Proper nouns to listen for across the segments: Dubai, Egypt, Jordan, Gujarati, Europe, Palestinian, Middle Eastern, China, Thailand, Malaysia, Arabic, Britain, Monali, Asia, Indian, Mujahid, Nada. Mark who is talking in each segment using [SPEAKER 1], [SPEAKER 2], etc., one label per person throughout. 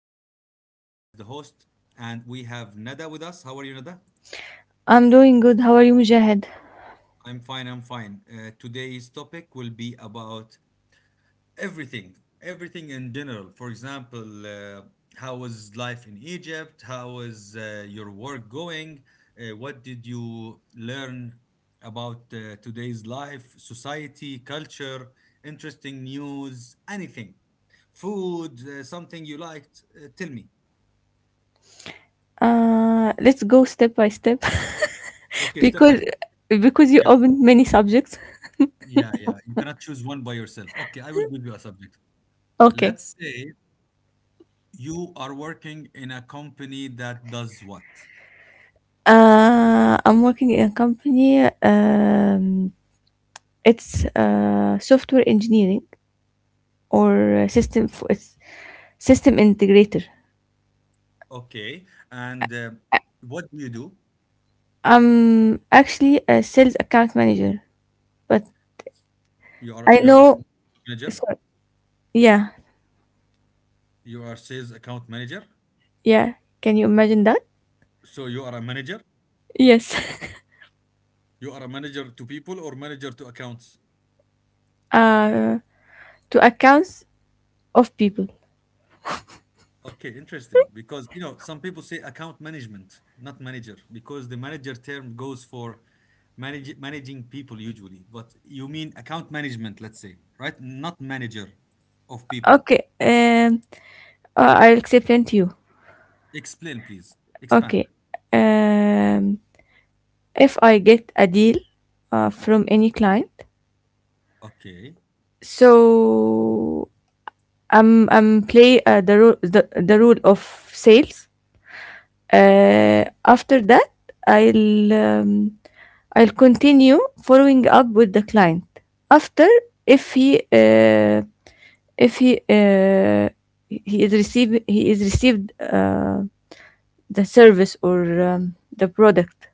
[SPEAKER 1] be with me as the host, and we have Nada with us. How are you, Nada?
[SPEAKER 2] I'm doing good. How are you, Mujahid?
[SPEAKER 1] I'm fine, I'm fine. Today's topic will be about everything, everything in general. For example, how was life in Egypt? How was your work going? What did you learn about today's life, society, culture, interesting news, anything? Food, something you liked? Tell me.
[SPEAKER 2] Let's go step by step.
[SPEAKER 1] Okay, step by
[SPEAKER 2] because
[SPEAKER 1] step.
[SPEAKER 2] because you
[SPEAKER 1] Yeah,
[SPEAKER 2] opened many subjects.
[SPEAKER 1] yeah, yeah. You cannot choose one by yourself. Okay, I will give you a subject.
[SPEAKER 2] Okay.
[SPEAKER 1] Let's say you are working in a company that does what?
[SPEAKER 2] I'm working in a company. It's software engineering or it's system integrator.
[SPEAKER 1] Okay, and what do you do?
[SPEAKER 2] I'm actually a sales account manager, but
[SPEAKER 1] You are
[SPEAKER 2] I
[SPEAKER 1] you are a
[SPEAKER 2] know.
[SPEAKER 1] sales manager.
[SPEAKER 2] Sorry. Yeah,
[SPEAKER 1] You are sales account manager.
[SPEAKER 2] yeah. Can you imagine that?
[SPEAKER 1] So you are a manager.
[SPEAKER 2] Yes.
[SPEAKER 1] You are a manager to people or manager to accounts?
[SPEAKER 2] uh, to accounts of people.
[SPEAKER 1] Okay, interesting. Because you know, some people say account management, not manager, because the manager term goes for managing people usually. But you mean account management, let's say, right? Not manager of people.
[SPEAKER 2] Okay, I'll explain to you.
[SPEAKER 1] Explain, please. Expand.
[SPEAKER 2] Okay, um, if I get a deal from any client,
[SPEAKER 1] Okay.
[SPEAKER 2] so I'm play the rule of sales. After that, I'll um, I'll continue following up with the client. After, if he uh, if he he is received. The service or the product.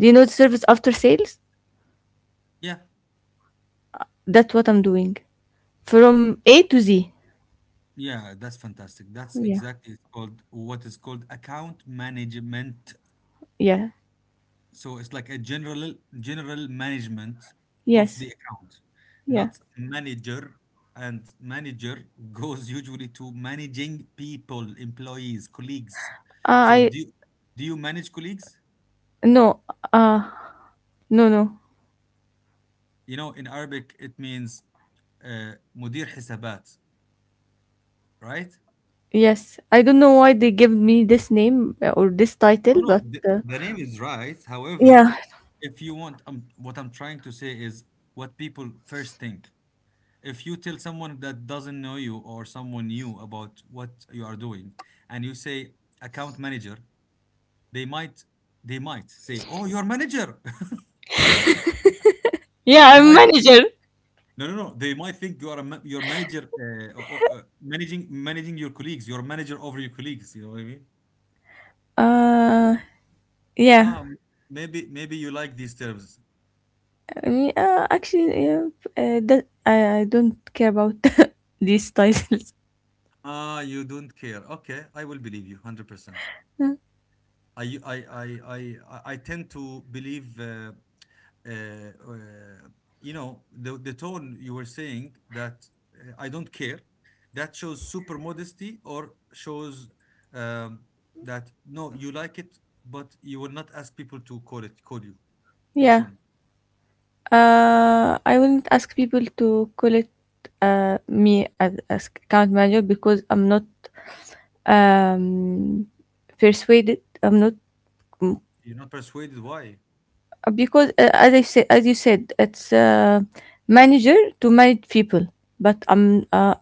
[SPEAKER 2] Do you know the service after sales?
[SPEAKER 1] Yeah.
[SPEAKER 2] That's what I'm doing from A to Z.
[SPEAKER 1] Yeah, that's fantastic. That's
[SPEAKER 2] Yeah.
[SPEAKER 1] exactly it's called what is called account management.
[SPEAKER 2] Yeah.
[SPEAKER 1] So it's like a general management of
[SPEAKER 2] Yes.
[SPEAKER 1] the account,
[SPEAKER 2] Yeah.
[SPEAKER 1] not manager. And manager goes usually to managing people, employees, colleagues. So
[SPEAKER 2] I
[SPEAKER 1] do you manage colleagues?
[SPEAKER 2] no. Uh no, no.
[SPEAKER 1] You know, in Arabic it means مدير حسابات, right?
[SPEAKER 2] Yes. I don't know why they give me this name or this
[SPEAKER 1] No,
[SPEAKER 2] title,
[SPEAKER 1] no,
[SPEAKER 2] but
[SPEAKER 1] the, the name is right. However,
[SPEAKER 2] yeah.
[SPEAKER 1] if you want, what I'm trying to say is what people first think. If you tell someone that doesn't know you or someone new about what you are doing, and you say account manager, they might they might say, "Oh, you're manager."
[SPEAKER 2] Yeah,
[SPEAKER 1] They
[SPEAKER 2] I'm
[SPEAKER 1] might,
[SPEAKER 2] manager.
[SPEAKER 1] no, no, no. They might think you are your manager, managing your colleagues. You're manager over your colleagues. You know what I mean?
[SPEAKER 2] Uh yeah.
[SPEAKER 1] Ah, maybe you like these terms.
[SPEAKER 2] I mean, actually, yeah, I don't care about these titles.
[SPEAKER 1] Ah, you don't care. Okay, I will believe you 100%. I I I I I tend to believe. Uh, uh, you know the tone you were saying that, I don't care, that shows super modesty or shows, um, that no, you like it, but you will not ask people to call you which
[SPEAKER 2] Yeah.
[SPEAKER 1] one.
[SPEAKER 2] I wouldn't ask people to call it me as account manager because I'm not um, persuaded. I'm not mm,
[SPEAKER 1] You're not persuaded why?
[SPEAKER 2] because as I said, as you said, it's manager to manage people, but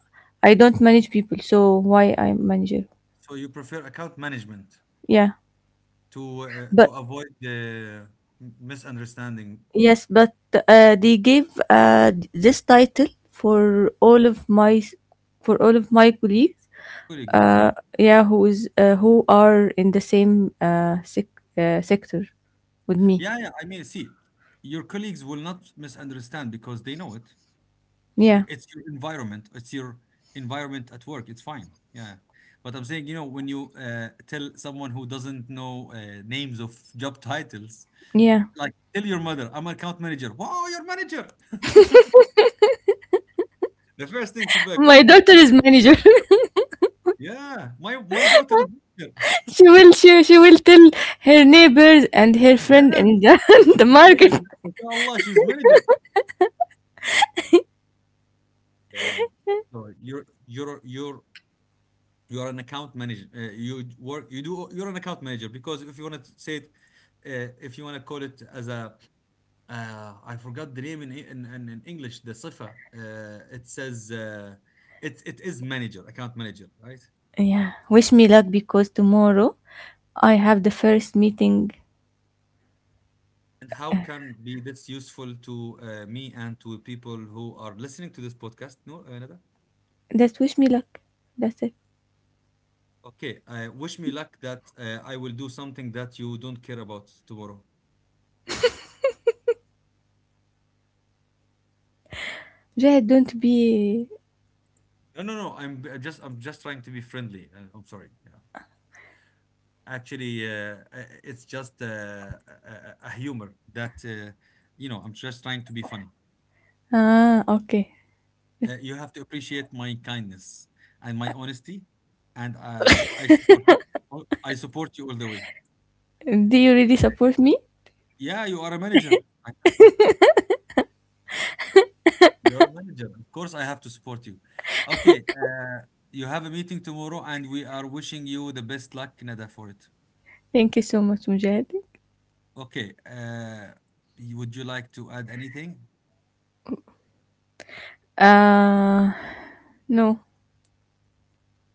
[SPEAKER 2] I don't manage people, so why I'm manager?
[SPEAKER 1] So you prefer account management
[SPEAKER 2] Yeah,
[SPEAKER 1] to, to
[SPEAKER 2] but
[SPEAKER 1] avoid the misunderstanding.
[SPEAKER 2] yes, but they gave this title for all of my for all of my colleagues,
[SPEAKER 1] Colleagues, yeah,
[SPEAKER 2] uh, yeah, who is who are in the same sector with me.
[SPEAKER 1] yeah, yeah, I mean, see, your colleagues will not misunderstand because they know it.
[SPEAKER 2] Yeah,
[SPEAKER 1] It's your environment. It's your environment at work. It's fine. Yeah. But I'm saying, you know, when you tell someone who doesn't know names of job titles,
[SPEAKER 2] yeah.
[SPEAKER 1] like tell your mother, I'm an account manager. Wow, your manager. The first thing should be like, oh
[SPEAKER 2] My
[SPEAKER 1] my,
[SPEAKER 2] daughter is manager.
[SPEAKER 1] yeah, my daughter is manager.
[SPEAKER 2] She will she will tell her neighbors and her friend
[SPEAKER 1] Yes,
[SPEAKER 2] in
[SPEAKER 1] your
[SPEAKER 2] the,
[SPEAKER 1] daughter
[SPEAKER 2] the
[SPEAKER 1] is
[SPEAKER 2] market.
[SPEAKER 1] manager. Inshallah, she's manager. Yeah. So you're an account manager. You work. You do. You're an account manager because if you want to say it, if you want to call it as a. I forgot the name in E, in English. The sifa. It says it is manager, account manager, right?
[SPEAKER 2] Yeah, wish me luck, because tomorrow I have the first meeting.
[SPEAKER 1] And how can be this useful to me and to people who are listening to this podcast? No, Nada.
[SPEAKER 2] That's wish me luck. That's it.
[SPEAKER 1] Okay. Wish me luck that I will do something that you don't care about tomorrow.
[SPEAKER 2] Jay, don't be.
[SPEAKER 1] No, no, no. I'm just trying to be friendly. I'm sorry. Yeah. Actually, it's just a humor that, you know. I'm just trying to be funny.
[SPEAKER 2] Ah, okay.
[SPEAKER 1] You have to appreciate my kindness and my honesty, and I support you. Oh, I support you all the way.
[SPEAKER 2] Do you really support me?
[SPEAKER 1] Yeah, you are a manager. I have to. You're a manager. Of course, I have to support you. Okay, you have a meeting tomorrow, and we are wishing you the best luck, Nada, for it.
[SPEAKER 2] Thank you so much, Mujahid.
[SPEAKER 1] Okay, would you like to add anything?
[SPEAKER 2] uh no.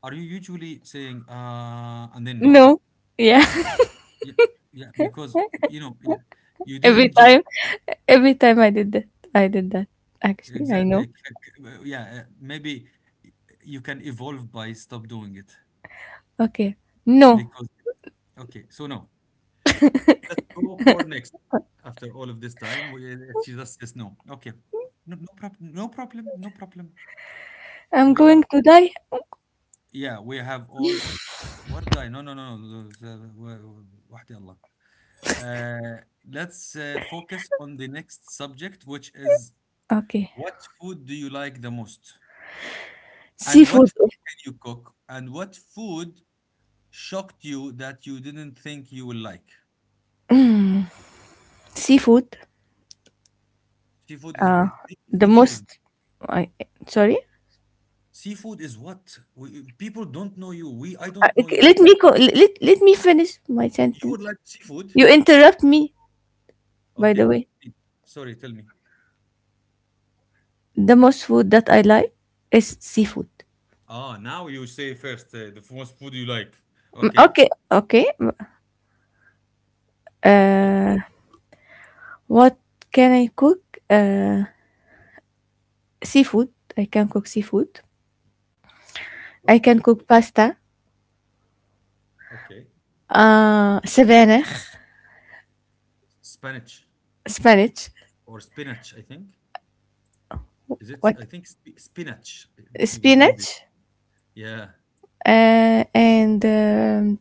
[SPEAKER 1] Are you usually saying and then no?
[SPEAKER 2] No. Yeah.
[SPEAKER 1] Yeah, yeah, because you know, yeah, you
[SPEAKER 2] Every
[SPEAKER 1] didn't just.
[SPEAKER 2] time, every time I did that, I did that. Actually, I
[SPEAKER 1] Exactly.
[SPEAKER 2] know.
[SPEAKER 1] Yeah, maybe you can evolve by stop doing it,
[SPEAKER 2] Okay. No.
[SPEAKER 1] because okay, so no. Let's go for next. After all of this time, we if she just says no. Okay. No, no problem. No problem. No problem.
[SPEAKER 2] I'm
[SPEAKER 1] We are,
[SPEAKER 2] going to die.
[SPEAKER 1] yeah, we have all, what, die? No, no, no, no. وحدي الله. Let's focus on the next subject, which is
[SPEAKER 2] Okay.
[SPEAKER 1] what food do you like the most? And what
[SPEAKER 2] Seafood.
[SPEAKER 1] food can you cook? And what food shocked you that you didn't think you will like?
[SPEAKER 2] Seafood.
[SPEAKER 1] Seafood is
[SPEAKER 2] Uh,
[SPEAKER 1] eh, eh,
[SPEAKER 2] the
[SPEAKER 1] seafood is
[SPEAKER 2] most. I sorry.
[SPEAKER 1] Seafood is what? People don't know you. We I don't know
[SPEAKER 2] Okay,
[SPEAKER 1] you. What is
[SPEAKER 2] let let me finish my
[SPEAKER 1] You would
[SPEAKER 2] sentence.
[SPEAKER 1] like seafood?
[SPEAKER 2] You interrupt me. By the
[SPEAKER 1] Okay.
[SPEAKER 2] way,
[SPEAKER 1] eh, Sorry, tell me.
[SPEAKER 2] the most food that I like is seafood.
[SPEAKER 1] Ah, now you say first, the first food you like. Okay.
[SPEAKER 2] Okay. Okay.
[SPEAKER 1] Okay.
[SPEAKER 2] Uh, what can I cook? Uh, seafood. I can cook seafood. I can
[SPEAKER 1] Okay.
[SPEAKER 2] cook pasta,
[SPEAKER 1] Okay.
[SPEAKER 2] sabanach,
[SPEAKER 1] Spinach
[SPEAKER 2] spinach,
[SPEAKER 1] or spinach, I think. Is it? I
[SPEAKER 2] what
[SPEAKER 1] think sp spinach, even in English.
[SPEAKER 2] spinach,
[SPEAKER 1] Yeah.
[SPEAKER 2] and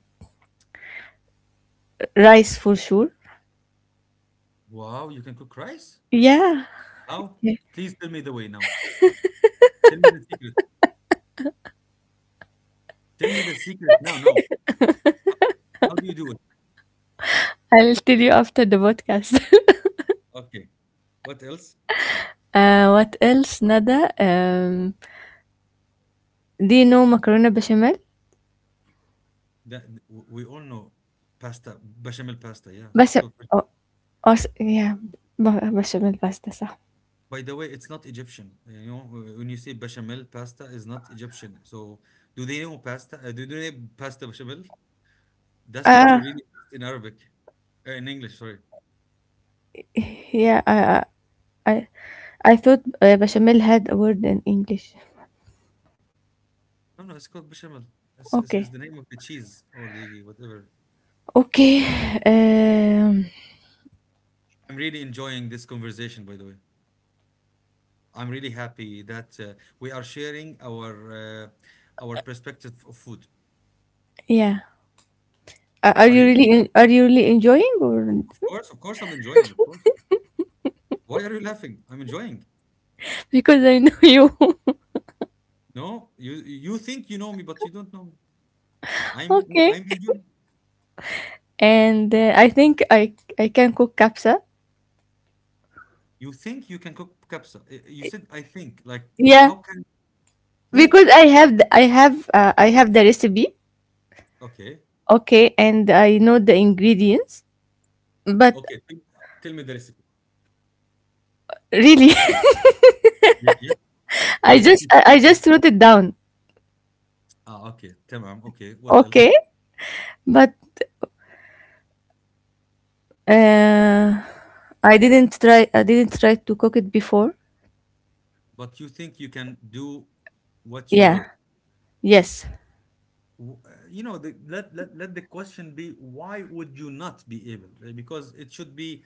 [SPEAKER 2] rice for sure.
[SPEAKER 1] Wow, you can cook rice?
[SPEAKER 2] Yeah,
[SPEAKER 1] How?
[SPEAKER 2] yeah.
[SPEAKER 1] Please tell me the way now. Tell me the secret. Tell me the secret now. No, how do you do it?
[SPEAKER 2] I'll tell you after the podcast.
[SPEAKER 1] Okay. What else?
[SPEAKER 2] What else, Nada? Do you know macaroni bechamel?
[SPEAKER 1] That we all know pasta, bechamel pasta. Yeah, it's
[SPEAKER 2] بس
[SPEAKER 1] called.
[SPEAKER 2] oh, yeah, ب- bechamel pasta صح.
[SPEAKER 1] By the way, it's not Egyptian. You know, when you say bechamel pasta, is not Egyptian. So, do they know pasta? Do they know pasta bechamel? That's what you
[SPEAKER 2] Ah,
[SPEAKER 1] really taste in English. Sorry.
[SPEAKER 2] yeah, I I thought bechamel had a word in English.
[SPEAKER 1] No, no, it's called bechamel. It's
[SPEAKER 2] Okay.
[SPEAKER 1] the name of the cheese or the whatever.
[SPEAKER 2] Okay. Um,
[SPEAKER 1] I'm really enjoying this conversation, by the way. I'm really happy that we are sharing our perspective of food.
[SPEAKER 2] yeah. Are
[SPEAKER 1] Are
[SPEAKER 2] you
[SPEAKER 1] you?
[SPEAKER 2] are you really enjoying or
[SPEAKER 1] Of course, I'm enjoying. Of course. Why are you laughing? I'm enjoying.
[SPEAKER 2] because I know you.
[SPEAKER 1] No, you think you know me, but you don't know me. I'm
[SPEAKER 2] Okay.
[SPEAKER 1] I'm enjoying.
[SPEAKER 2] And I think I can cook capsa.
[SPEAKER 1] You think you can cook kapsa? You said I think. Like
[SPEAKER 2] Yeah,
[SPEAKER 1] how can
[SPEAKER 2] because
[SPEAKER 1] who?
[SPEAKER 2] I have the recipe.
[SPEAKER 1] Okay,
[SPEAKER 2] Okay, and I know the ingredients, but
[SPEAKER 1] okay. Tell me the recipe.
[SPEAKER 2] really.
[SPEAKER 1] Yeah, I want to-.
[SPEAKER 2] I just wrote it down.
[SPEAKER 1] Ah, okay. Tamam. Okay. What else?
[SPEAKER 2] Okay, but uh I didn't try to cook it before.
[SPEAKER 1] But you think you can do what you
[SPEAKER 2] Yeah.
[SPEAKER 1] wrote?
[SPEAKER 2] Yes.
[SPEAKER 1] You know, let the question be, why would you not be able, right? Because it should be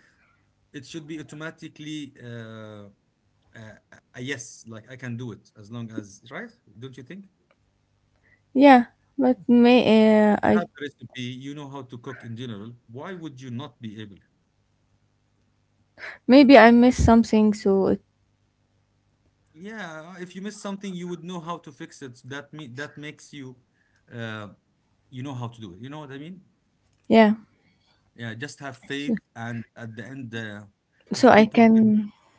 [SPEAKER 1] it should be automatically, uh, a yes, like I can do it as long as, right, don't you think?
[SPEAKER 2] Yeah, but may
[SPEAKER 1] You have
[SPEAKER 2] I
[SPEAKER 1] the recipe, you know how to cook in general, why would you not be able?
[SPEAKER 2] maybe I missed something, so.
[SPEAKER 1] Yeah, if you miss something you would know how to fix it, that makes you, uh, you know how to do it, you know what I mean?
[SPEAKER 2] Yeah.
[SPEAKER 1] Yeah, just have
[SPEAKER 2] So
[SPEAKER 1] faith, and at the end,
[SPEAKER 2] so
[SPEAKER 1] if
[SPEAKER 2] I
[SPEAKER 1] people
[SPEAKER 2] can.
[SPEAKER 1] can,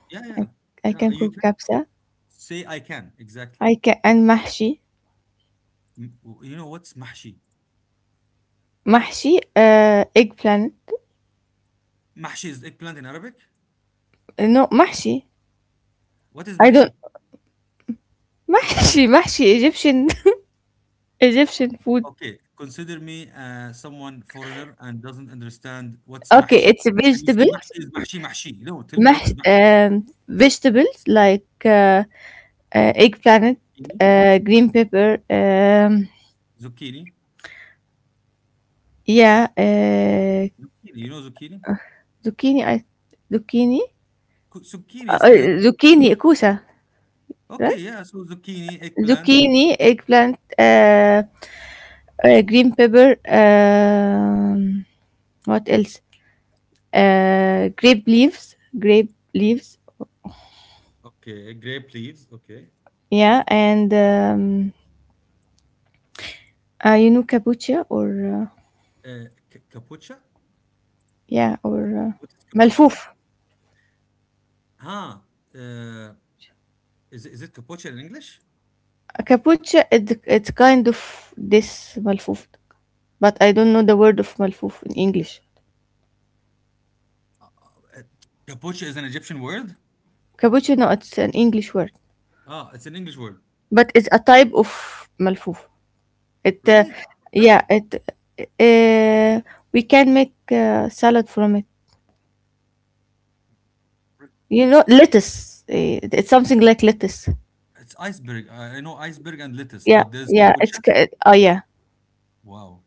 [SPEAKER 1] yeah,
[SPEAKER 2] I,
[SPEAKER 1] yeah,
[SPEAKER 2] I
[SPEAKER 1] yeah,
[SPEAKER 2] can
[SPEAKER 1] you,
[SPEAKER 2] cook kabsa.
[SPEAKER 1] say I can, exactly.
[SPEAKER 2] I can. And mahshi.
[SPEAKER 1] You know what's mahshi?
[SPEAKER 2] Mahshi, eggplant.
[SPEAKER 1] Mahshi is eggplant in Arabic.
[SPEAKER 2] No, mahshi.
[SPEAKER 1] What is
[SPEAKER 2] I don't.
[SPEAKER 1] mahshi?
[SPEAKER 2] Mahshi Egyptian. Egyptian food.
[SPEAKER 1] Okay, consider me, someone foreigner and doesn't understand what's
[SPEAKER 2] Okay,
[SPEAKER 1] mahshi.
[SPEAKER 2] it's a
[SPEAKER 1] And you
[SPEAKER 2] vegetable.
[SPEAKER 1] say mahshi is mahshi mahshi. No, tell me, what
[SPEAKER 2] Mash,
[SPEAKER 1] is mahshi?
[SPEAKER 2] vegetables like eggplant, green pepper.
[SPEAKER 1] Zucchini? Zucchini?
[SPEAKER 2] Yeah,
[SPEAKER 1] Zucchini. You know zucchini?
[SPEAKER 2] zucchini. Zucchini.
[SPEAKER 1] Zucchini
[SPEAKER 2] Uh,
[SPEAKER 1] is
[SPEAKER 2] uh,
[SPEAKER 1] the,
[SPEAKER 2] zucchini, kusa,
[SPEAKER 1] okay,
[SPEAKER 2] right?
[SPEAKER 1] yeah. So zucchini, eggplant.
[SPEAKER 2] Zucchini, eggplant, green pepper. What else? Grape leaves. Grape leaves.
[SPEAKER 1] Okay, grape leaves. Okay,
[SPEAKER 2] Yeah, and you know kapucha or uh,
[SPEAKER 1] uh, capucha.
[SPEAKER 2] yeah,
[SPEAKER 1] What is
[SPEAKER 2] or
[SPEAKER 1] what is capucha?
[SPEAKER 2] malfoof.
[SPEAKER 1] Ah, uh, is it capucha in English?
[SPEAKER 2] Kapucha. It, it's kind of this malfoof, but I don't know the word of malfoof in English.
[SPEAKER 1] Uh, Capucha is an Egyptian word?
[SPEAKER 2] Kapucha. No, it's an English word,
[SPEAKER 1] Ah, it's an English word.
[SPEAKER 2] but it's a type of malfoof. It.
[SPEAKER 1] Really? Capucha?
[SPEAKER 2] Yeah. It. Uh, we can make salad from it.
[SPEAKER 1] Re-
[SPEAKER 2] You know, lettuce. Eh, it's something like lettuce.
[SPEAKER 1] It's iceberg. I know iceberg and lettuce,
[SPEAKER 2] Yeah,
[SPEAKER 1] but there's
[SPEAKER 2] yeah.
[SPEAKER 1] capucha.
[SPEAKER 2] Oh yeah.
[SPEAKER 1] Wow.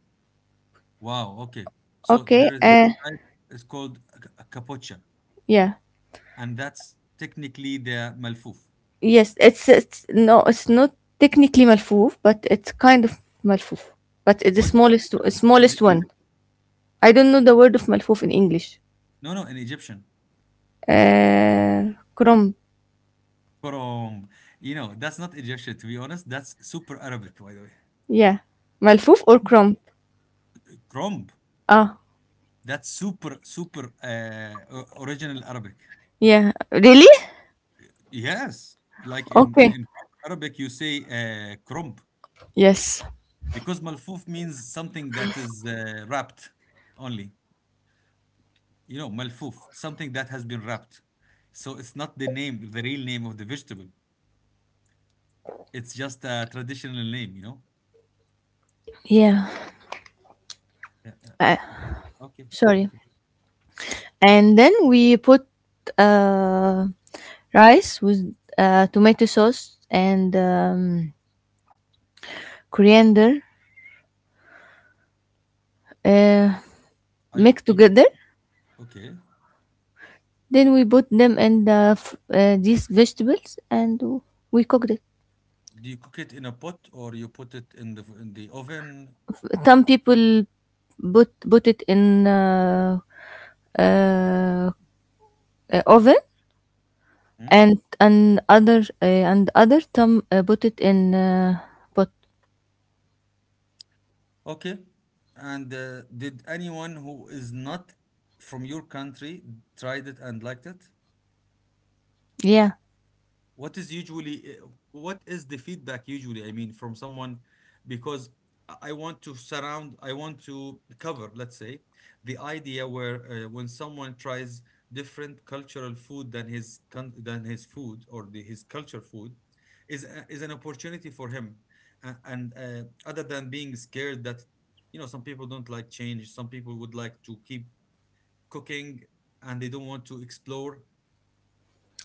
[SPEAKER 1] Wow. Okay. So
[SPEAKER 2] Okay.
[SPEAKER 1] there is a type, it's called a capucha,
[SPEAKER 2] Yeah.
[SPEAKER 1] and that's technically the malfouf.
[SPEAKER 2] Yes. It's no. It's not technically malfoof, but it's kind of malfoof. But it's the
[SPEAKER 1] What do you say?
[SPEAKER 2] smallest
[SPEAKER 1] Of in Egy- in
[SPEAKER 2] smallest
[SPEAKER 1] Egypt-
[SPEAKER 2] one. I don't know the word of malfoof in English.
[SPEAKER 1] No, no, in Egyptian.
[SPEAKER 2] Crumb.
[SPEAKER 1] Krom. You know, that's not Egyptian, to be honest. That's super Arabic, by the way.
[SPEAKER 2] Yeah. Malfoof or crumb.
[SPEAKER 1] Kromb.
[SPEAKER 2] Ah.
[SPEAKER 1] That's super, super, original Arabic.
[SPEAKER 2] Yeah. Really?
[SPEAKER 1] Yes, like in in,
[SPEAKER 2] Okay.
[SPEAKER 1] in Arabic, you say krump,
[SPEAKER 2] Yes.
[SPEAKER 1] because malfoof means something that is wrapped only. You know, malfoof, something that has been wrapped. So it's not the name, the real name of the vegetable. It's just a traditional name. You know.
[SPEAKER 2] Yeah.
[SPEAKER 1] Yeah. Yeah.
[SPEAKER 2] Uh,
[SPEAKER 1] Y- y- Okay.
[SPEAKER 2] sorry.
[SPEAKER 1] Okay.
[SPEAKER 2] And then we put uh, rice with tomato sauce and coriander uh,
[SPEAKER 1] Are you
[SPEAKER 2] mixed together.
[SPEAKER 1] okay?
[SPEAKER 2] Then we put them in these vegetables and we cooked it.
[SPEAKER 1] Do you cook it in a pot or you put it in the oven?
[SPEAKER 2] Some people put it in uh, oven,
[SPEAKER 1] Hmm?
[SPEAKER 2] and other some put it in pot.
[SPEAKER 1] Okay. And did anyone who is not from your country tried it and liked it?
[SPEAKER 2] Yeah,
[SPEAKER 1] What is usually what is the feedback usually, I mean, from someone because I want to cover, let's say, the idea where when someone tries different cultural food than his than his food, or his culture food is is an opportunity for him. A- and Other than being scared that, you know, some people don't like change, some people would like to keep cooking and they don't want to explore.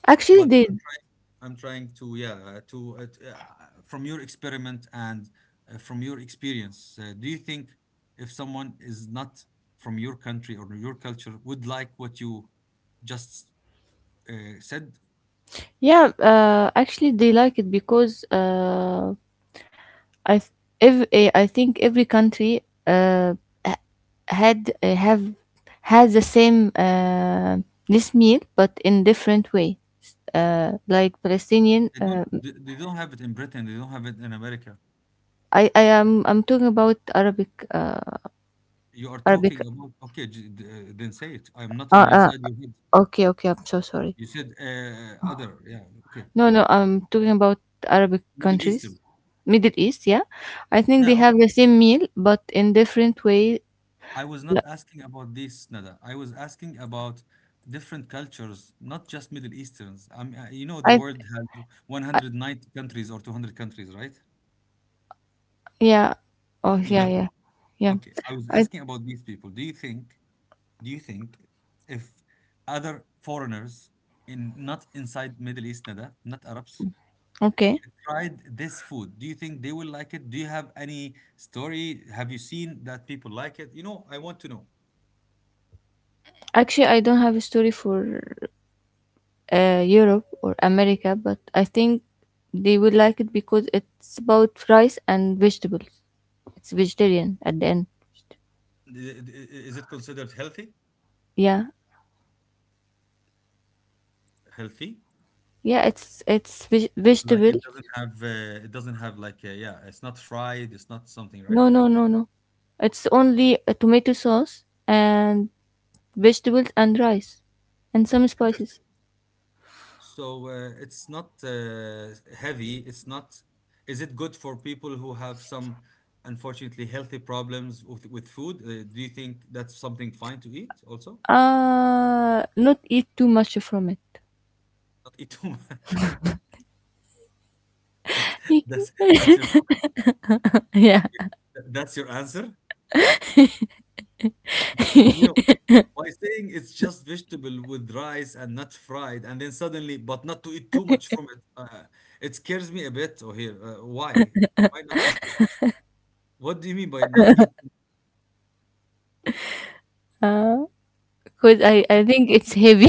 [SPEAKER 2] actually
[SPEAKER 1] But
[SPEAKER 2] they.
[SPEAKER 1] I'm trying to, yeah, to from your experiment and from your experience, do you think if someone is not from your country or your culture would like what you just uh, said?
[SPEAKER 2] Yeah, actually, they like it because I th- ev- eh, I think every country ha- had eh, have has the same this meal, but in different way. Like Palestinian,
[SPEAKER 1] They don't, They don't have it in Britain, they don't have it in America.
[SPEAKER 2] I'm talking about Arabic,
[SPEAKER 1] You are talking
[SPEAKER 2] Arabic.
[SPEAKER 1] about, okay, then say it. I'm not in
[SPEAKER 2] Uh, uh,
[SPEAKER 1] inside your head.
[SPEAKER 2] okay, okay, I'm so sorry.
[SPEAKER 1] You said other, yeah, okay.
[SPEAKER 2] No, no, I'm talking about Arabic
[SPEAKER 1] Middle Eastern,
[SPEAKER 2] countries, Middle East. Yeah, I think they
[SPEAKER 1] yeah.
[SPEAKER 2] have the same meal, but in different way.
[SPEAKER 1] I was
[SPEAKER 2] Li-
[SPEAKER 1] not asking about this, Nada. I was asking about different cultures, not just Middle Easterns. I mean, you know, the
[SPEAKER 2] I
[SPEAKER 1] world has
[SPEAKER 2] I,
[SPEAKER 1] 190 countries or 200 countries, right?
[SPEAKER 2] yeah. Oh,
[SPEAKER 1] You got me.
[SPEAKER 2] yeah.
[SPEAKER 1] Okay. I was
[SPEAKER 2] I
[SPEAKER 1] asking about these people. Do you think if other foreigners in, not inside Middle East, Nada, not Arabs,
[SPEAKER 2] Okay.
[SPEAKER 1] tried this food, do you think they will like it? Do you have any story? Have you seen that people like it? You know, I want to know.
[SPEAKER 2] Actually, I don't have a story for Europe or America, but I think they would like it because it's about rice and vegetables. It's vegetarian at the end.
[SPEAKER 1] Is it considered healthy?
[SPEAKER 2] Yeah,
[SPEAKER 1] Healthy?
[SPEAKER 2] yeah.
[SPEAKER 1] Like,
[SPEAKER 2] Vegetable.
[SPEAKER 1] it doesn't have it doesn't have, like, yeah, it's not fried, it's not something, right?
[SPEAKER 2] No, no, no, no. It's only a tomato sauce and vegetables and rice and some
[SPEAKER 1] Interesting.
[SPEAKER 2] spices.
[SPEAKER 1] So it's not heavy. It's not. Is it good for people who have some unfortunately healthy problems with food? Do you think that's something fine to eat also?
[SPEAKER 2] Not eat too much from it.
[SPEAKER 1] Not eat too much. that's that's, that's your,
[SPEAKER 2] yeah.
[SPEAKER 1] that's your answer. But, you know, by saying it's just vegetable with rice and not fried, and then suddenly, but not to eat too much from it. It scares me a bit. Oh, here, why? Why not eat? What do you mean by not eat?
[SPEAKER 2] Uh, because I think it's heavy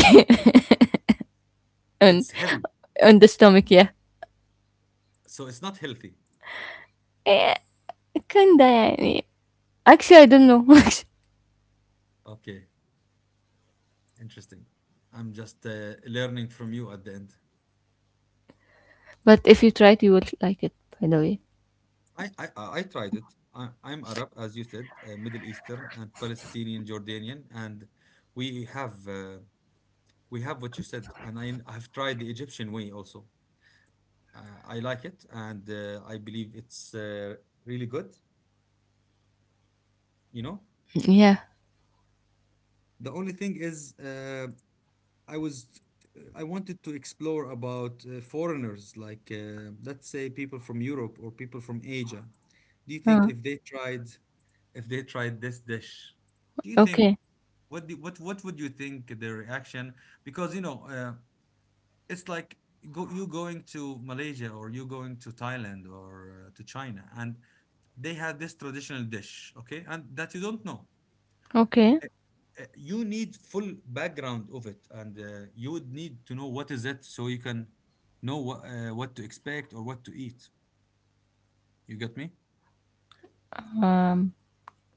[SPEAKER 2] on
[SPEAKER 1] It's heavy,
[SPEAKER 2] on the stomach, yeah.
[SPEAKER 1] so it's not healthy.
[SPEAKER 2] Eh, kinda يعني. Actually, I don't know.
[SPEAKER 1] Okay, interesting. I'm just learning from you at the end.
[SPEAKER 2] But if you try it, you will like it, by the way.
[SPEAKER 1] I tried it. I'm Arab, as you said, Middle Eastern and Palestinian, Jordanian, and we have uh, we have what you said, and I've tried the Egyptian way also. I like it, and I believe it's really good, you know.
[SPEAKER 2] Yeah.
[SPEAKER 1] The only thing is, I was I wanted to explore about foreigners, like, let's say, people from Europe or people from Asia. Do you think
[SPEAKER 2] Uh,
[SPEAKER 1] if they tried, if they tried this dish, do you think,
[SPEAKER 2] okay.
[SPEAKER 1] what do, what would you think their reaction? Because, you know, it's like, go, you going to Malaysia, or you going to Thailand, or to China, and they have this traditional dish, okay, and that you don't know.
[SPEAKER 2] Okay.
[SPEAKER 1] Uh, You need full background of it, and you would need to know what is it, so you can know what to expect or what to eat. You get me?
[SPEAKER 2] Um,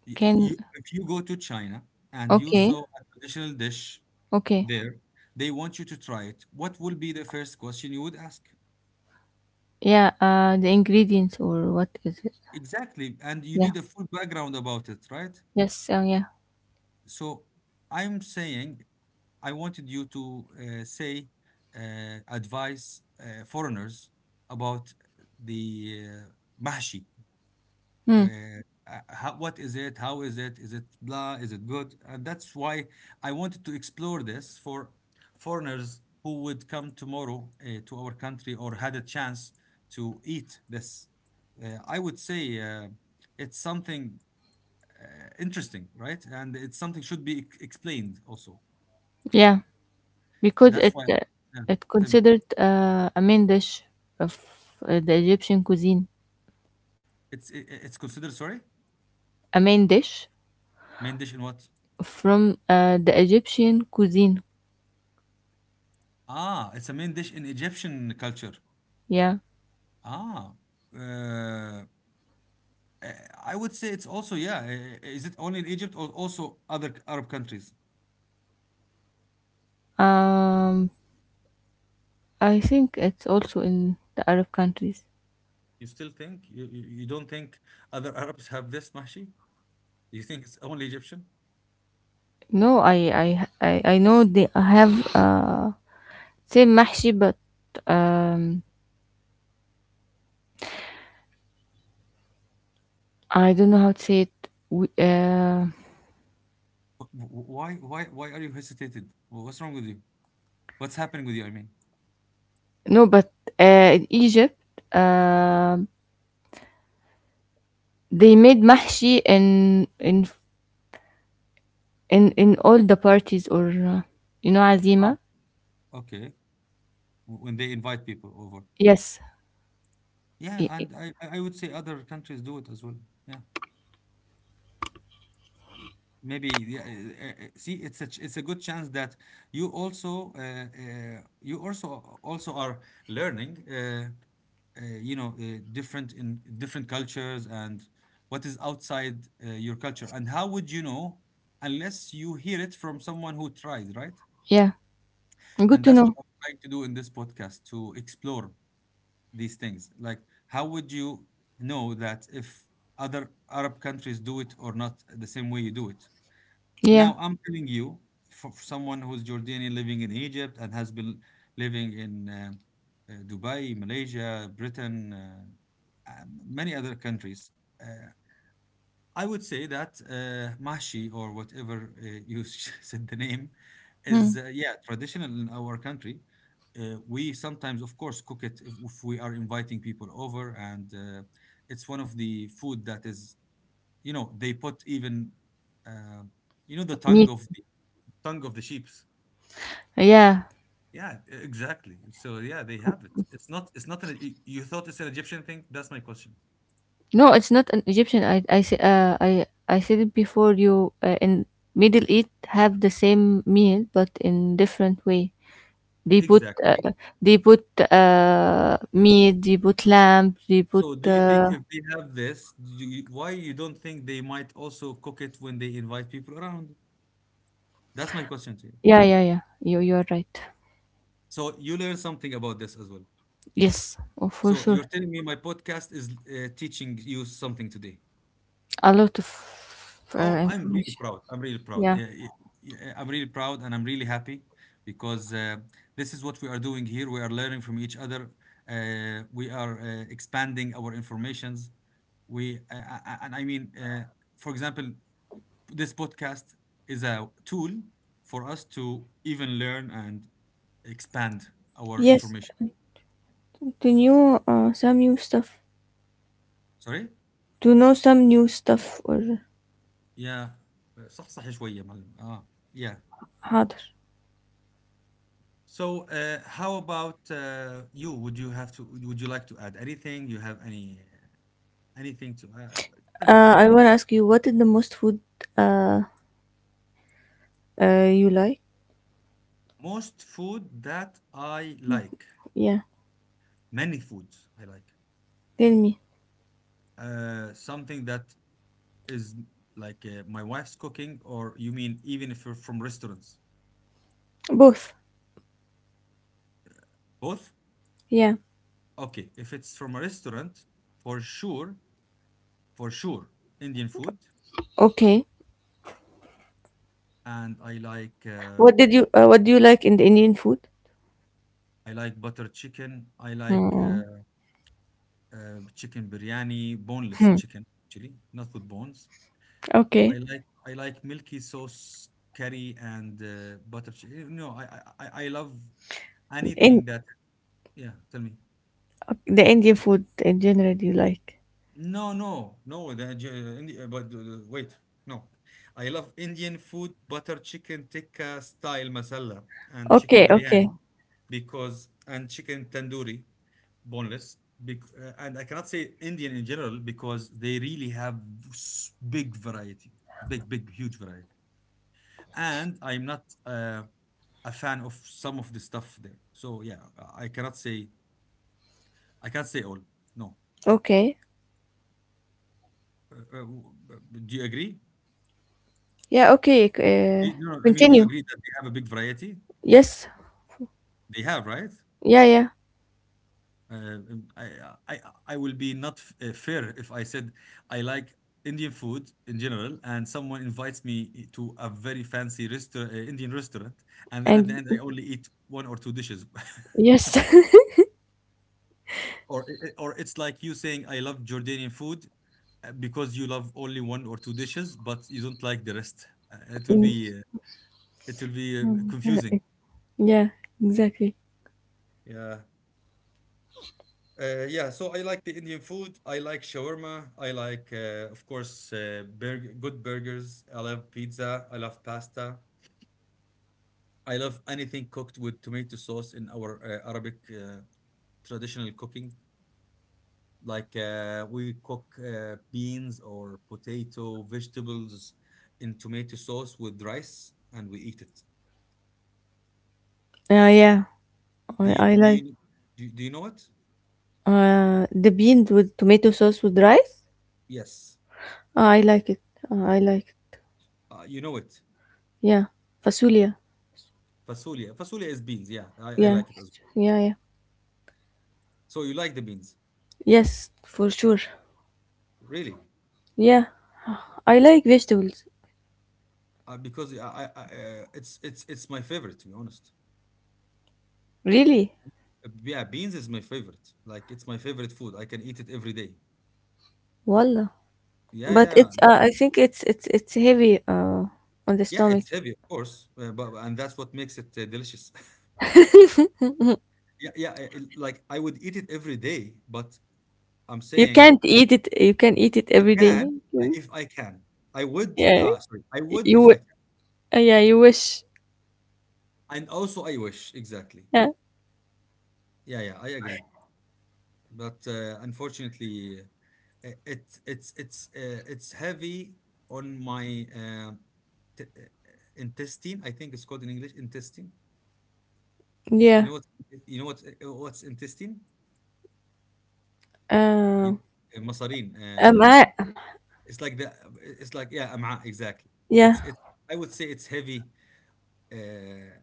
[SPEAKER 2] can,
[SPEAKER 1] You, if you go to China and you
[SPEAKER 2] okay.
[SPEAKER 1] saw a traditional dish
[SPEAKER 2] Okay.
[SPEAKER 1] there, they want you to try it. What will be the first question you would ask?
[SPEAKER 2] Yeah, the ingredients or what is it?
[SPEAKER 1] Exactly. And you
[SPEAKER 2] Yeah.
[SPEAKER 1] need a full background about it, right?
[SPEAKER 2] Yes. Yeah.
[SPEAKER 1] So I'm saying, I wanted you to say, advise foreigners about the mahshi.
[SPEAKER 2] Mm,
[SPEAKER 1] Uh, how, what is it? How is it? Is it blah? Is it good? And that's why I wanted to explore this for foreigners who would come tomorrow to our country or had a chance to eat this. I would say it's something interesting, right? And it's something should be explained also.
[SPEAKER 2] yeah. Because
[SPEAKER 1] That's
[SPEAKER 2] it,
[SPEAKER 1] why. Yeah,
[SPEAKER 2] it
[SPEAKER 1] tell me.
[SPEAKER 2] considered a main dish of the Egyptian cuisine.
[SPEAKER 1] It's it's considered, sorry,
[SPEAKER 2] A main dish
[SPEAKER 1] main dish in what?
[SPEAKER 2] from the Egyptian cuisine.
[SPEAKER 1] Ah, it's a main dish in Egyptian culture.
[SPEAKER 2] Yeah.
[SPEAKER 1] Ah, uh, I would say it's also, yeah. Is it only in Egypt, or also other Arab countries?
[SPEAKER 2] Um, I think it's also in the Arab countries.
[SPEAKER 1] You still think, you don't think other Arabs have this mashi? You think it's only Egyptian?
[SPEAKER 2] No, I know they have same mahshi, but um I don't know how to say it. We,
[SPEAKER 1] Why are you hesitated? What's wrong with you? What's happening with you? I mean.
[SPEAKER 2] no, but in Egypt, uh, they made mahshi in all the parties or you know
[SPEAKER 1] Ah,
[SPEAKER 2] azima.
[SPEAKER 1] okay, when they invite people over.
[SPEAKER 2] Yes.
[SPEAKER 1] Yeah,
[SPEAKER 2] Y- y-
[SPEAKER 1] and I would say other countries do it as well. Yeah, maybe, yeah. See, it's it's a good chance that you also, you also, also are learning. You know, different in different cultures and what is outside your culture. And how would you know unless you hear it from someone who tried, right?
[SPEAKER 2] Yeah. Good
[SPEAKER 1] And
[SPEAKER 2] to
[SPEAKER 1] that's what
[SPEAKER 2] know.
[SPEAKER 1] I'm trying to do in this podcast, to explore these things. Like, how would you know that if other Arab countries do it or not the same way you do it?
[SPEAKER 2] Yeah.
[SPEAKER 1] Now, I'm telling you, for someone who's Jordanian living in Egypt and has been living in Dubai, Malaysia, Britain, many other countries. Uh, I would say that Mahshi, or whatever you said the name,
[SPEAKER 2] Mm.
[SPEAKER 1] is yeah, traditional in our country. We sometimes, of course, cook it if we are inviting people over, and it's one of the food that is, you know, they put even uh, you know, the tongue
[SPEAKER 2] Meat.
[SPEAKER 1] of the tongue of the sheep's.
[SPEAKER 2] Yeah.
[SPEAKER 1] Yeah, exactly. So yeah, they have it. It's not. It's not an. You thought it's an Egyptian thing? That's my question.
[SPEAKER 2] No, it's not an Egyptian. I say- I said it before. You in Middle East have the same meal, but in different way. They put uh,
[SPEAKER 1] Exactly.
[SPEAKER 2] they put meat. They put lamb. They put
[SPEAKER 1] So do you think if they have this, do you, why you don't think they might also cook it when they invite people around? That's my question to you.
[SPEAKER 2] yeah, yeah, yeah. You are right.
[SPEAKER 1] So you learn something about this as well.
[SPEAKER 2] Yes, oh, for
[SPEAKER 1] So you're
[SPEAKER 2] sure.
[SPEAKER 1] telling me my podcast is teaching you something today.
[SPEAKER 2] A lot of
[SPEAKER 1] Oh, I'm really
[SPEAKER 2] information.
[SPEAKER 1] proud. I'm really proud.
[SPEAKER 2] Yeah.
[SPEAKER 1] Yeah, yeah, yeah, I'm really proud and I'm really happy because this is what we are doing here. We are learning from each other. We are expanding our informations. We And I mean, for example, this podcast is a tool for us to even learn and expand our
[SPEAKER 2] Yes,
[SPEAKER 1] information.
[SPEAKER 2] to new some new stuff.
[SPEAKER 1] Sorry?
[SPEAKER 2] To know some new stuff or
[SPEAKER 1] Yeah. صحصح شوية يا معلم. اه yeah.
[SPEAKER 2] harder.
[SPEAKER 1] So how about you? Would you like to add anything? You have any anything to add? Tell me.
[SPEAKER 2] I want to ask you, what is the most food uh, you like?
[SPEAKER 1] Most food that I like.
[SPEAKER 2] Yeah.
[SPEAKER 1] Many foods I like.
[SPEAKER 2] Tell me.
[SPEAKER 1] Something that is like my wife's cooking, or you mean even if you're from restaurants?
[SPEAKER 2] Both.
[SPEAKER 1] Both?
[SPEAKER 2] Yeah.
[SPEAKER 1] Okay, if it's from a restaurant, for sure, for sure, Indian food,
[SPEAKER 2] Okay.
[SPEAKER 1] and
[SPEAKER 2] What did you what do you like in the Indian food?
[SPEAKER 1] I like butter chicken. I like
[SPEAKER 2] Hmm.
[SPEAKER 1] chicken biryani, boneless
[SPEAKER 2] Hmm.
[SPEAKER 1] chicken actually, not with bones. I
[SPEAKER 2] Okay.
[SPEAKER 1] like, I like milky sauce curry, and butter chicken. No, I love
[SPEAKER 2] In
[SPEAKER 1] anything that. Yeah, tell me.
[SPEAKER 2] the Indian food in general you like.
[SPEAKER 1] No, no, no. The, J- Indi- but Wait, no. I love Indian food, butter chicken tikka style masala and chicken
[SPEAKER 2] Okay, okay.
[SPEAKER 1] biryani because and chicken tandoori, boneless. And I cannot say Indian in general because they really have big variety, big, big, huge variety. And I'm not a fan of some of the stuff there. So yeah, I cannot say, I can't say all. No.
[SPEAKER 2] Okay.
[SPEAKER 1] Uh, uh, w- uh, do you agree?
[SPEAKER 2] Yeah, okay. c- Uh,
[SPEAKER 1] No, I mean, do you
[SPEAKER 2] continue.
[SPEAKER 1] agree that they have a big variety?
[SPEAKER 2] Yes.
[SPEAKER 1] They have, right?
[SPEAKER 2] Yeah, yeah.
[SPEAKER 1] Uh, um, I, I will be not fair if I said I like Indian food in general, and someone invites me to a very fancy restaurant, Indian restaurant, and then at the
[SPEAKER 2] And
[SPEAKER 1] end I only eat one or two dishes,
[SPEAKER 2] yes.
[SPEAKER 1] or or it's like you saying I love Jordanian food because you love only one or two dishes, but you don't like the rest. It will be it will be, confusing.
[SPEAKER 2] yeah, exactly.
[SPEAKER 1] Yeah. Yeah, so I like the Indian food. I like shawarma. I like, of course, burg good burgers. I love pizza. I love pasta. I love anything cooked with tomato sauce in our Arabic traditional cooking. Like, we cook beans or potato, vegetables in tomato sauce with rice, and we eat it.
[SPEAKER 2] Yeah.
[SPEAKER 1] Do you
[SPEAKER 2] I
[SPEAKER 1] do
[SPEAKER 2] like
[SPEAKER 1] you do, do you know it?
[SPEAKER 2] the beans with tomato sauce with rice.
[SPEAKER 1] Yes,
[SPEAKER 2] I like it. I like it.
[SPEAKER 1] you know it.
[SPEAKER 2] Yeah. Fasulia.
[SPEAKER 1] Fasulia. Fasulia is beans. Yeah, I
[SPEAKER 2] Yeah,
[SPEAKER 1] like it as well.
[SPEAKER 2] yeah, yeah.
[SPEAKER 1] So you like the beans,
[SPEAKER 2] Yes, for sure.
[SPEAKER 1] really?
[SPEAKER 2] Yeah, I like vegetables.
[SPEAKER 1] Because I it's it's my favorite, to be honest.
[SPEAKER 2] Really,
[SPEAKER 1] Yeah, beans is my favorite. Like, it's my favorite food. I can eat it every day.
[SPEAKER 2] wallah.
[SPEAKER 1] Yeah,
[SPEAKER 2] But
[SPEAKER 1] yeah,
[SPEAKER 2] it's I think it's it's heavy on the
[SPEAKER 1] yeah.
[SPEAKER 2] stomach.
[SPEAKER 1] It's heavy, of course, but and that's what makes it delicious. Yeah, yeah. Like, I would eat it every day, but I'm
[SPEAKER 2] You
[SPEAKER 1] saying
[SPEAKER 2] can't eat it. You can eat it
[SPEAKER 1] I
[SPEAKER 2] every day.
[SPEAKER 1] can,
[SPEAKER 2] Yeah,
[SPEAKER 1] if I can. I would.
[SPEAKER 2] yeah.
[SPEAKER 1] Ah, sorry. I would
[SPEAKER 2] You
[SPEAKER 1] if I
[SPEAKER 2] wi-
[SPEAKER 1] can.
[SPEAKER 2] yeah you wish.
[SPEAKER 1] And also, I wish, exactly.
[SPEAKER 2] Yeah,
[SPEAKER 1] Yeah, yeah. I agree. But unfortunately, uh, it's heavy on my t- uh, intestine. I think it's called in English intestine. You
[SPEAKER 2] yeah.
[SPEAKER 1] know what? You know what? What's intestine?
[SPEAKER 2] Uh,
[SPEAKER 1] You, مصارين.
[SPEAKER 2] I
[SPEAKER 1] It's like the. It's like, yeah, أمعاء exactly.
[SPEAKER 2] yeah,
[SPEAKER 1] It's it's. I would say it's heavy uh,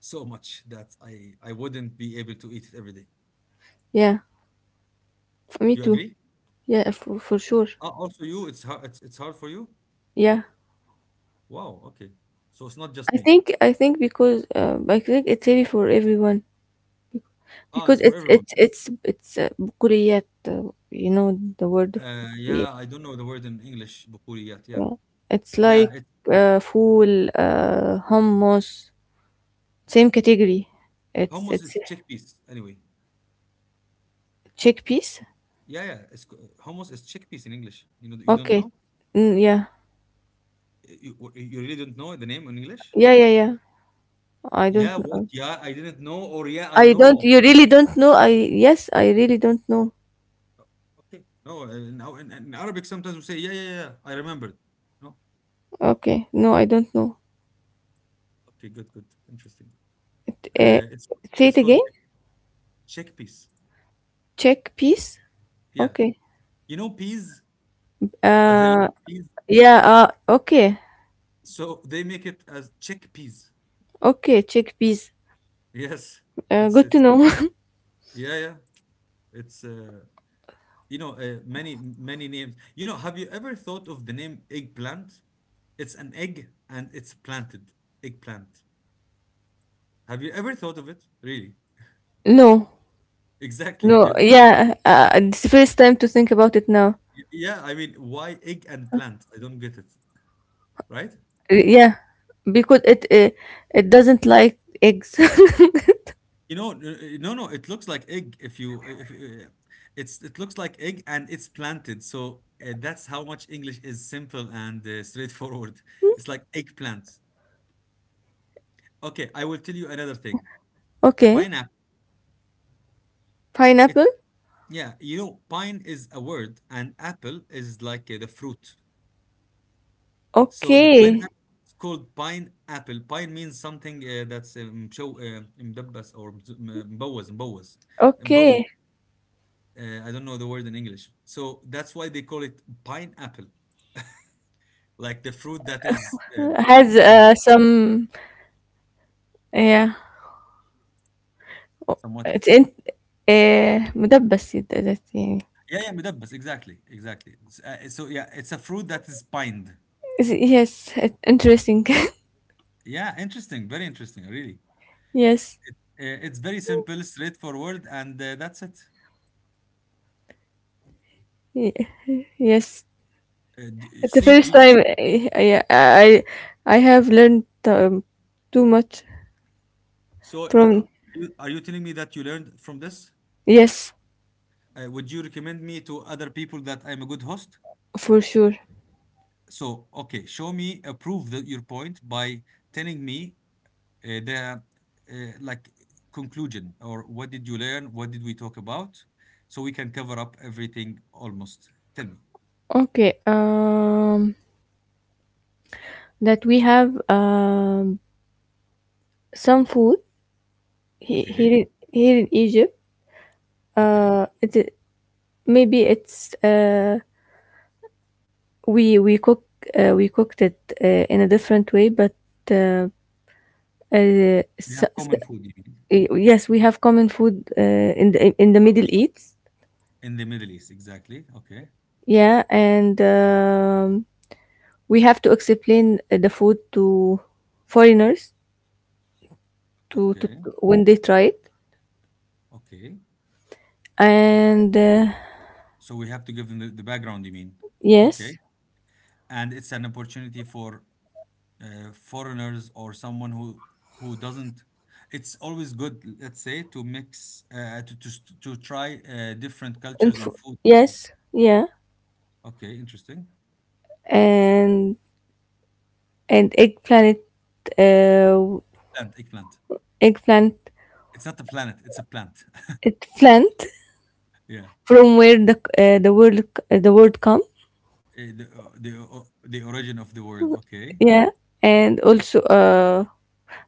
[SPEAKER 1] so much that I wouldn't be able to eat it every day.
[SPEAKER 2] yeah. For me
[SPEAKER 1] You
[SPEAKER 2] too.
[SPEAKER 1] agree?
[SPEAKER 2] Yeah, for sure.
[SPEAKER 1] Ah, also you. It's hard. It's hard for you.
[SPEAKER 2] Yeah,
[SPEAKER 1] Wow. Okay. So it's not just
[SPEAKER 2] I
[SPEAKER 1] me.
[SPEAKER 2] think I think because I think it's heavy for everyone.
[SPEAKER 1] Ah, it's
[SPEAKER 2] Because
[SPEAKER 1] for
[SPEAKER 2] it's
[SPEAKER 1] everyone.
[SPEAKER 2] it's it's it's بقوليات, you know the word of
[SPEAKER 1] Yeah,
[SPEAKER 2] بقوليات?
[SPEAKER 1] I don't know the word in English, بقوليات. Yeah,
[SPEAKER 2] Yeah. It's
[SPEAKER 1] yeah,
[SPEAKER 2] like
[SPEAKER 1] it's
[SPEAKER 2] فول, hummus. Same category.
[SPEAKER 1] hummus
[SPEAKER 2] It's
[SPEAKER 1] is chickpeas anyway.
[SPEAKER 2] Chickpeas.
[SPEAKER 1] Yeah, yeah, hummus is chickpeas in English. You know, you don't
[SPEAKER 2] Okay.
[SPEAKER 1] know?
[SPEAKER 2] Mm, yeah.
[SPEAKER 1] You really don't know the name in English?
[SPEAKER 2] yeah yeah yeah I
[SPEAKER 1] Yeah,
[SPEAKER 2] don't
[SPEAKER 1] what?
[SPEAKER 2] know.
[SPEAKER 1] Yeah, I didn't know, or yeah, I
[SPEAKER 2] I don't.
[SPEAKER 1] know.
[SPEAKER 2] You really don't know? I yes, I really don't know.
[SPEAKER 1] Okay, no, in Arabic sometimes we say, yeah, yeah, yeah, I remembered. No,
[SPEAKER 2] Okay, no, I don't know.
[SPEAKER 1] okay, good, good, interesting.
[SPEAKER 2] It,
[SPEAKER 1] Uh, it's
[SPEAKER 2] uh, say
[SPEAKER 1] it's
[SPEAKER 2] it
[SPEAKER 1] called
[SPEAKER 2] again.
[SPEAKER 1] chickpeas.
[SPEAKER 2] Chickpeas.
[SPEAKER 1] Yeah,
[SPEAKER 2] Okay.
[SPEAKER 1] you know peas,
[SPEAKER 2] uh
[SPEAKER 1] basil peas.
[SPEAKER 2] yeah. Okay.
[SPEAKER 1] So they make it as chickpeas.
[SPEAKER 2] Okay, chickpeas.
[SPEAKER 1] Yes,
[SPEAKER 2] Good to
[SPEAKER 1] it's
[SPEAKER 2] know.
[SPEAKER 1] yeah, yeah. It's many many names. You know, have you ever thought of the name eggplant? It's an egg and it's planted. Eggplant. Have you ever thought of it? Really?
[SPEAKER 2] no,
[SPEAKER 1] Exactly.
[SPEAKER 2] no,
[SPEAKER 1] If you-
[SPEAKER 2] yeah, it's the first time to think about it now.
[SPEAKER 1] Yeah, I mean, why egg and plant? I don't get it, right?
[SPEAKER 2] Yeah, because it doesn't like eggs.
[SPEAKER 1] You know, no, no, it looks like egg if you if it looks like egg and it's planted. So that's how much English is simple and straightforward. It's like eggplant. Okay, I will tell you another thing.
[SPEAKER 2] okay,
[SPEAKER 1] Pineapple, it's
[SPEAKER 2] pineapple.
[SPEAKER 1] yeah, you know, pine is a word and apple is like the fruit. So the
[SPEAKER 2] Okay,
[SPEAKER 1] pineapple is called pineapple. Pine means something that's show مدبس or مبوز.
[SPEAKER 2] okay,
[SPEAKER 1] I don't know the word in English. So that's why they call it pineapple, like the fruit that is
[SPEAKER 2] has
[SPEAKER 1] pine
[SPEAKER 2] some yeah. Oh,
[SPEAKER 1] somewhat.
[SPEAKER 2] it's in مدبس it- that يعني.
[SPEAKER 1] Yeah, yeah, مدبس, exactly, exactly. So yeah, it's a fruit that is pined.
[SPEAKER 2] Is it- yes, it- interesting.
[SPEAKER 1] Yeah, interesting, very interesting, really.
[SPEAKER 2] yes,
[SPEAKER 1] It, it's very simple, straightforward, and that's it.
[SPEAKER 2] y- yes. It's the
[SPEAKER 1] See,
[SPEAKER 2] first
[SPEAKER 1] you see.
[SPEAKER 2] time. Yeah, I have learned too much.
[SPEAKER 1] So, yeah,
[SPEAKER 2] From
[SPEAKER 1] are you telling me that you learned from this?
[SPEAKER 2] yes,
[SPEAKER 1] Would you recommend me to other people that I'm a good host?
[SPEAKER 2] for sure.
[SPEAKER 1] So, okay, show me, prove that your point by telling me the like conclusion or what did you learn? What did we talk about? So we can cover up everything almost. Tell me.
[SPEAKER 2] Okay, that we have some food
[SPEAKER 1] Okay,
[SPEAKER 2] here in Egypt.
[SPEAKER 1] okay.
[SPEAKER 2] Uh, it i- maybe it's we we cook we cooked it in a different way, but uh, uh
[SPEAKER 1] We
[SPEAKER 2] s
[SPEAKER 1] have
[SPEAKER 2] s-
[SPEAKER 1] common food, you mean?
[SPEAKER 2] yes, we have common food in the Middle East.
[SPEAKER 1] In the Middle East, exactly. Okay,
[SPEAKER 2] Yeah, and we have to explain the food to foreigners to,
[SPEAKER 1] okay.
[SPEAKER 2] when they try it
[SPEAKER 1] Okay.
[SPEAKER 2] and
[SPEAKER 1] So we have to give them the background, you mean? Okay.
[SPEAKER 2] yes
[SPEAKER 1] And it's an opportunity for foreigners or someone who doesn't. It's always good, let's say, to mix to try different
[SPEAKER 2] and
[SPEAKER 1] cultures in food also.
[SPEAKER 2] yes, yeah.
[SPEAKER 1] Okay, interesting.
[SPEAKER 2] and and eggplant, uh,
[SPEAKER 1] Plant, eggplant.
[SPEAKER 2] eggplant
[SPEAKER 1] It's not a planet, it's a plant.
[SPEAKER 2] it plant.
[SPEAKER 1] Yeah.
[SPEAKER 2] From where the the word come?
[SPEAKER 1] Eh, the origin of the word. Okay.
[SPEAKER 2] Yeah, and also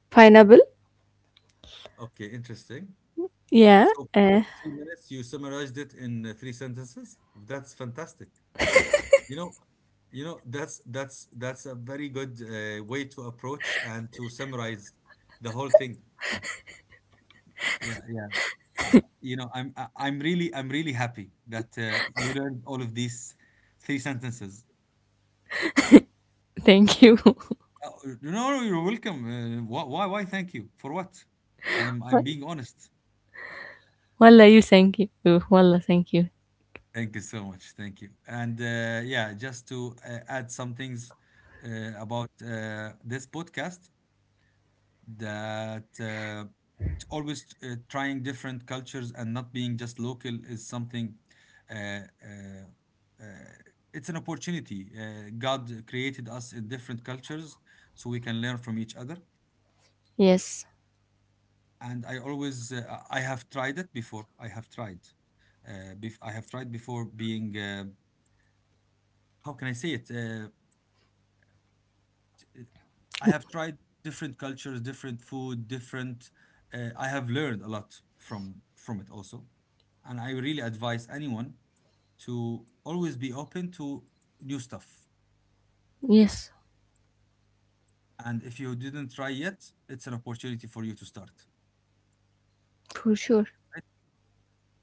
[SPEAKER 2] pineapple.
[SPEAKER 1] Okay, interesting.
[SPEAKER 2] Yeah,
[SPEAKER 1] So,
[SPEAKER 2] uh,
[SPEAKER 1] 3 minutes, you summarized it in three sentences. That's fantastic. You know, that's a very good way to approach and to summarize the whole thing. Yeah, yeah. Uh, I'm really happy that you learned all of these three sentences.
[SPEAKER 2] thank you.
[SPEAKER 1] Oh, no, no, you're welcome. Why? Thank you for what? I'm I'm
[SPEAKER 2] what?
[SPEAKER 1] being honest.
[SPEAKER 2] Wallah, you thank you. Oh, wallah, thank you.
[SPEAKER 1] Thank you so much. Thank you. And yeah, just to add some things about this podcast that. Always trying different cultures and not being just local is something uh, uh, uh, it's an opportunity God created us in different cultures so we can learn from each other
[SPEAKER 2] Yes.
[SPEAKER 1] and I always I have tried it before I have tried before being how can I say it t- I have tried different cultures different food different I have learned a lot from it also and I really advise anyone to always be open to new stuff.
[SPEAKER 2] Yes,
[SPEAKER 1] And if you didn't try yet, it's an opportunity for you to start.
[SPEAKER 2] for sure.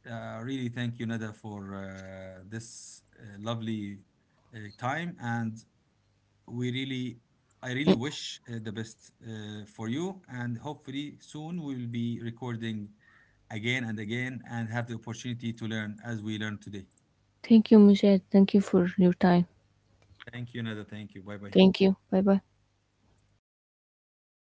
[SPEAKER 1] Really thank you, Nada, for this lovely time. And we really, I really
[SPEAKER 2] Eh,
[SPEAKER 1] wish the best for you. And hopefully, soon we will be recording again and again and have the opportunity to learn as we learned today.
[SPEAKER 2] thank you, Mujahid. Thank you for your time.
[SPEAKER 1] Thank you, Nada. Thank you. Bye bye.
[SPEAKER 2] Thank you. Bye bye.